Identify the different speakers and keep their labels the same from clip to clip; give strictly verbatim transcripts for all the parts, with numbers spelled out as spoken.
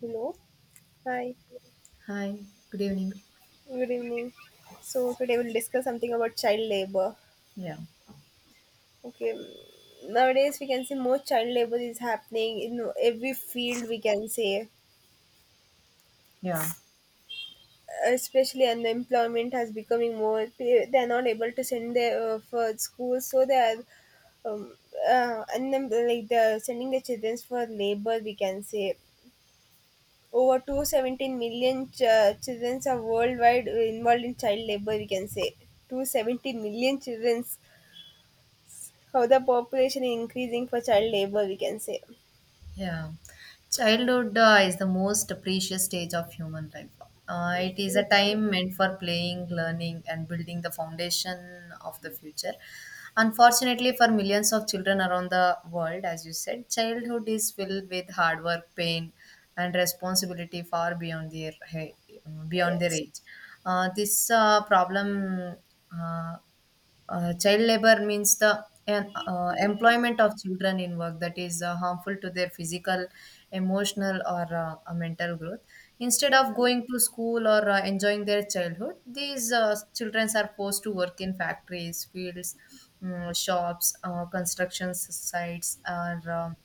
Speaker 1: Hello. Hi.
Speaker 2: Hi, good evening.
Speaker 1: Good evening. So today we'll discuss something about child labor.
Speaker 2: Yeah,
Speaker 1: Okay. Nowadays we can see more child labor is happening in every field, we can say,
Speaker 2: yeah,
Speaker 1: especially unemployment has becoming more. They are not able to send their uh, for school, so they are um, uh, unem- like they're sending their children for labor, we can say. Over two hundred seventeen million ch- children are worldwide involved in child labor, we can say. two hundred seventeen million children. How the population is increasing for child labor, we can say.
Speaker 2: Yeah, childhood uh, is the most precious stage of human life. Uh,
Speaker 1: Yeah.
Speaker 2: it is a time meant for playing, learning, and building the foundation of the future. Unfortunately, for millions of children around the world, as you said, childhood is filled with hard work, pain, and responsibility far beyond their he- beyond their
Speaker 1: Yes.
Speaker 2: age. Uh, this uh, problem. Uh, uh, Child labor means the uh, employment of children in work that is uh, harmful to their physical, emotional, or uh, uh, mental growth. Instead of going to school or uh, enjoying their childhood, these uh, children are forced to work in factories, fields, mm, shops, uh, construction sites, or um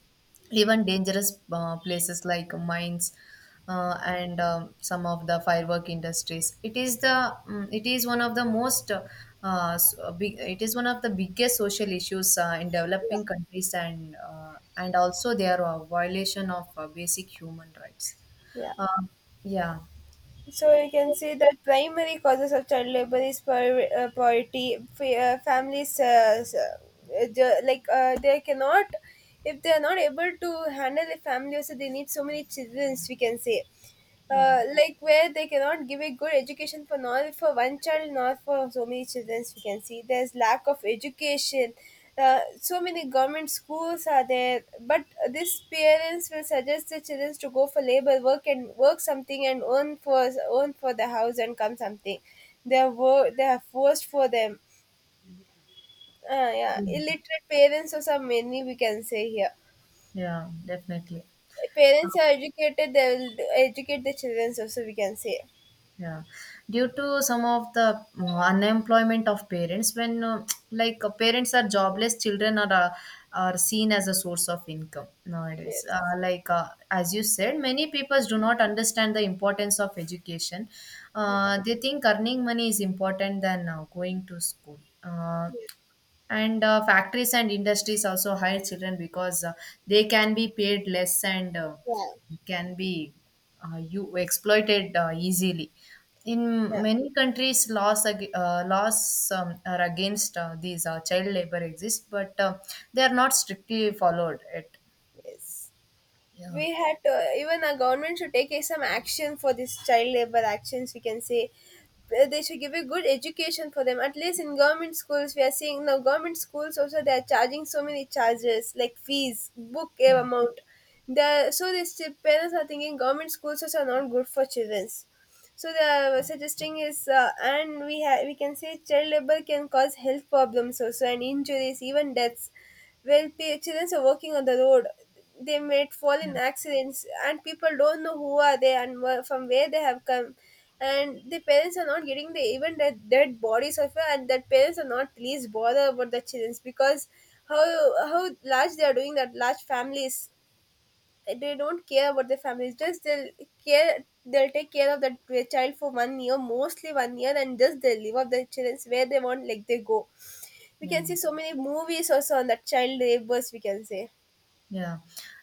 Speaker 2: even dangerous uh, places like mines, uh, and um, some of the firework industries. It is the mm, it is one of the most uh, uh, s- uh, big, it is one of the biggest social issues uh, in developing countries, and uh, and also their uh, violation of uh, basic human rights.
Speaker 1: Yeah.
Speaker 2: uh, yeah
Speaker 1: So you can see that primary causes of child labor is pover- uh, poverty. Fa- uh, families uh, s- uh, ju- like uh, they cannot, if they are not able to handle a family, also they need so many children, we can say.
Speaker 2: yeah
Speaker 1: Uh, like where they cannot give a good education, for not for one child, not for so many children, we can see there's lack of education. Uh, so many government schools are there, but these parents will suggest the children to go for labor work and work something and earn for, earn for the house and come something. They are wo- they are forced for them. uh, yeah,
Speaker 2: Mm.
Speaker 1: illiterate parents also many, we can say here.
Speaker 2: yeah Definitely.
Speaker 1: Parents are educated, they will educate the children also, we can say.
Speaker 2: Yeah, due to some of the uh, unemployment of parents, when uh, like uh, parents are jobless, children are uh, are seen as a source of income nowadays.
Speaker 1: Yes.
Speaker 2: Uh, like uh, as you said, many people do not understand the importance of education.
Speaker 1: Yeah.
Speaker 2: Uh, they think earning money is important than uh, going to school. Uh,
Speaker 1: Yeah,
Speaker 2: and uh, Factories and industries also hire children because uh, they can be paid less and uh,
Speaker 1: yeah.
Speaker 2: can be uh, you exploited uh, easily. In many countries, laws ag- uh, laws um, are against uh, these uh, child labor exist, but uh, they are not strictly followed it.
Speaker 1: Yes,
Speaker 2: yeah
Speaker 1: we had to. Even our government should take some action for this child labor actions, we can say. Uh, they should give a good education for them. At least in government schools, we are seeing now government schools also they are charging so many charges like fees, book eh,
Speaker 2: yeah
Speaker 1: amount. The so these parents are thinking government schools also are not good for children. So the suggesting is, uh, and we have, we can say, child labor can cause health problems also, and injuries, even deaths. When p- children are working on the road, they might fall
Speaker 2: yeah
Speaker 1: in accidents, and people don't know who are they and where, from where they have come. And the parents are not getting the even the dead bodies of it, and that parents are not least bother about the children, because how how large they are doing, that large families, they don't care about their families, just they'll care, they'll take care of that wi- child for one year, mostly one year, and just they live up their children where they want, like they go. We
Speaker 2: yeah
Speaker 1: can see so many movies also on that child labors, we can say.
Speaker 2: Yeah,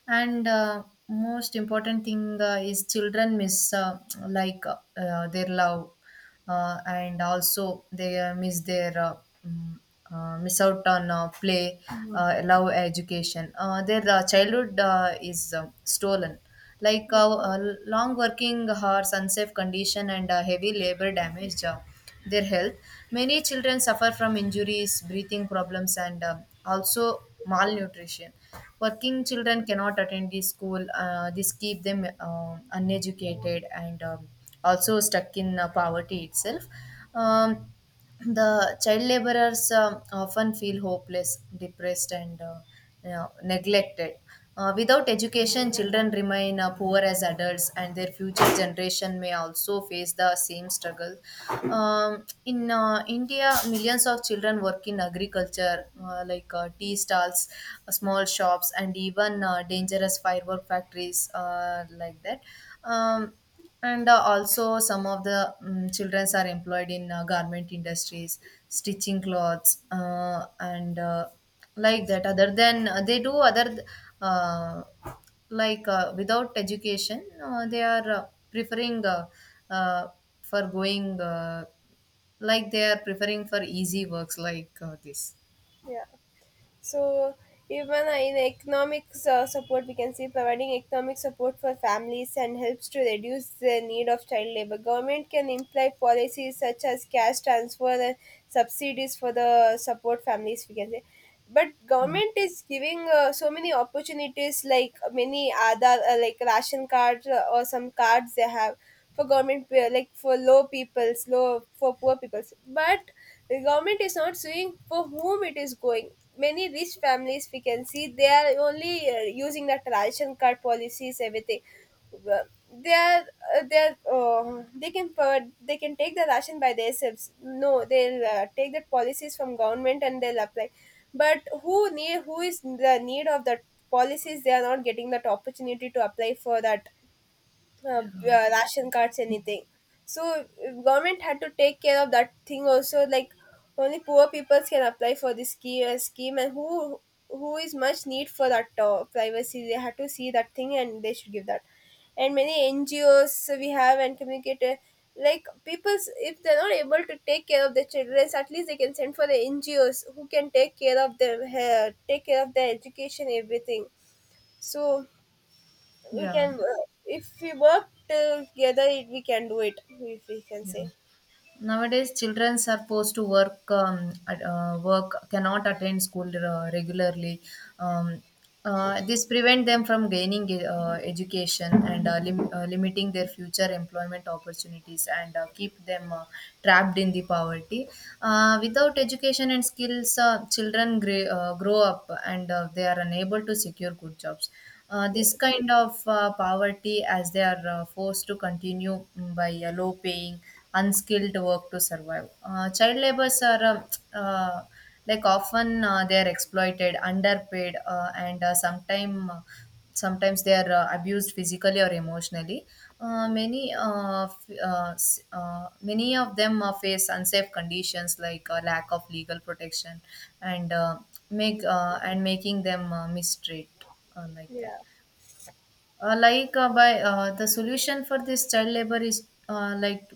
Speaker 2: and uh, most important thing uh, is children miss uh, like uh, uh, their love, uh, and also they uh, miss their uh, mm, uh, miss out on uh, play, uh, love, education. Uh, their uh, childhood uh, is uh, stolen. Like uh, uh, long working hours, unsafe condition, and uh, heavy labor damage Uh, their health. Many children suffer from injuries, breathing problems, and um, also malnutrition. Working children cannot attend the school. Uh, this keep them um uneducated and um, also stuck in uh, poverty itself. Um, the child laborers um, often feel hopeless, depressed, and uh, you know, neglected. Uh, without education, children remain uh, poor as adults, and their future generation may also face the same struggle. Um, in uh, India, millions of children work in agriculture, uh, like uh, tea stalls, uh, small shops, and even uh, dangerous firework factories, uh, like that. Um, and uh, Also, some of the um, children are employed in uh, garment industries, stitching clothes uh, and uh, like that. Other than uh, they do other uh, like uh, without education uh, they are uh, preferring uh, uh, for going uh, like they are preferring for easy works like uh, this.
Speaker 1: Yeah. So even uh, in economic uh, support, we can see providing economic support for families and helps to reduce the need of child labor. Government can imply policies such as cash transfer and subsidies for the support families, we can say, but
Speaker 2: yeah
Speaker 1: government is giving uh, so many opportunities, like many other uh, like ration cards, uh, or some cards they have for government pe- like for low peoples, low for poor peoples, but the government is not suing for whom it is going. Many rich families, we can see, they are only uh, using the ration card policies everything. Well, they are uh, they are, uh, they can provide, they can take the ration by themselves. No, they'll uh, take the policies from government and they'll apply, but who need, who is the need of that policies, they are not getting that opportunity to apply for that uh, b- uh, ration cards anything. So if government had to take care of that thing also, like only poor people can apply for this scheme, uh, scheme, and who who is much need for that uh, privacy, they had to see that thing and they should give that. And many NGOs we have, and communicate, uh, like people's, if they're not able to take care of their children, at least they can send for the NGOs who can take care of them, uh, take care of their education everything. So we
Speaker 2: yeah
Speaker 1: can, uh, if we work together it, we can do it, if we can
Speaker 2: Yeah.
Speaker 1: say.
Speaker 2: Nowadays, children are forced to work, um, at- uh, work, cannot attend school uh, regularly. Um, uh, this prevent them from gaining uh, education and uh, lim- uh, limiting their future employment opportunities and uh, keep them uh, trapped in the poverty. Uh, without education and skills, uh, children gre- uh, grow up and uh, they are unable to secure good jobs. Uh, this kind of uh, poverty as they are uh, forced to continue, mm, by uh, low paying unskilled work to survive. Uh, child laborers are um, uh, like often uh, they are exploited, underpaid, uh, and uh, sometime uh, sometimes they are uh, abused physically or emotionally. Uh, many uh, f- uh, s- uh, many of them uh, face unsafe conditions, like uh, lack of legal protection, and uh, make uh, and making them uh, mistreat, uh, like that.
Speaker 1: Yeah,
Speaker 2: Uh, like uh, by uh, The solution for this child labor is uh, like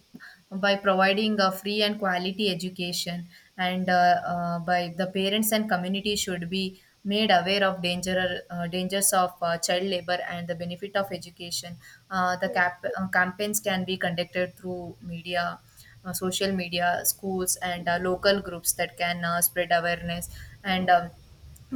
Speaker 2: by providing a free and quality education, and uh, uh, by the parents and community should be made aware of danger uh, dangers of uh, child labor and the benefit of education. Uh, the
Speaker 1: yeah,
Speaker 2: cap- uh, campaigns can be conducted through media, uh, social media, schools, and uh, local groups that can uh, spread awareness, and um,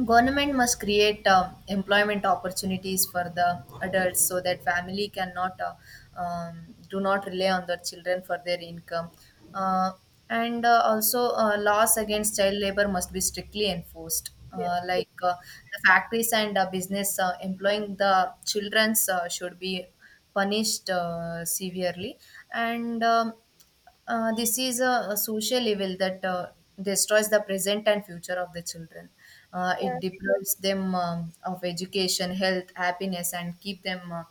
Speaker 2: government must create um, employment opportunities for the adults so that family cannot uh, um, do not rely on their children for their income. Uh, and uh, Also, uh, laws against child labor must be strictly enforced. Uh,
Speaker 1: yeah,
Speaker 2: like uh, the factories and uh, business uh, employing the childrens uh, should be punished uh, severely, and um, uh, this is a, a social evil that uh, destroys the present and future of the children. Uh,
Speaker 1: yeah,
Speaker 2: it deprives them um, of education, health, happiness, and keep them, uh,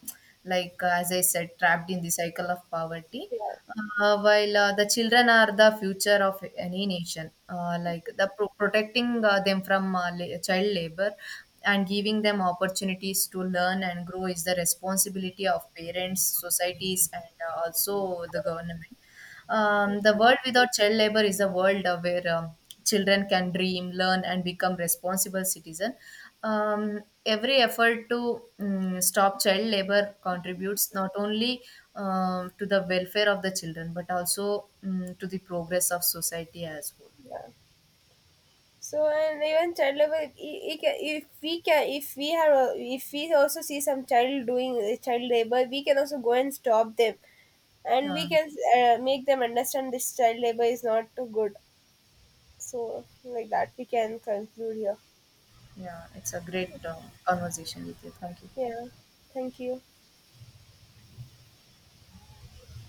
Speaker 2: like uh, as I said, trapped in the cycle of poverty.
Speaker 1: yeah,
Speaker 2: Uh, while uh, the children are the future of any nation, uh, like the pro- protecting uh, them from uh, la- child labor and giving them opportunities to learn and grow is the responsibility of parents, societies, and uh, also the government. Um, the world without child labor is a world uh, where um, children can dream, learn, and become responsible citizen. Um, every effort to mm, stop child labor contributes not only um, to the welfare of the children, but also mm, to the progress of society as whole.
Speaker 1: yeah. So and even child labor, i- i- ca- if we can, if we have a- if we also see some child doing uh, child labor, we can also go and stop them, and we
Speaker 2: Yeah,
Speaker 1: can uh, make them understand this child labor is not too good. So, like that we can conclude here.
Speaker 2: yeah, it's a great um, conversation with you. Thank you.
Speaker 1: Yeah, thank you.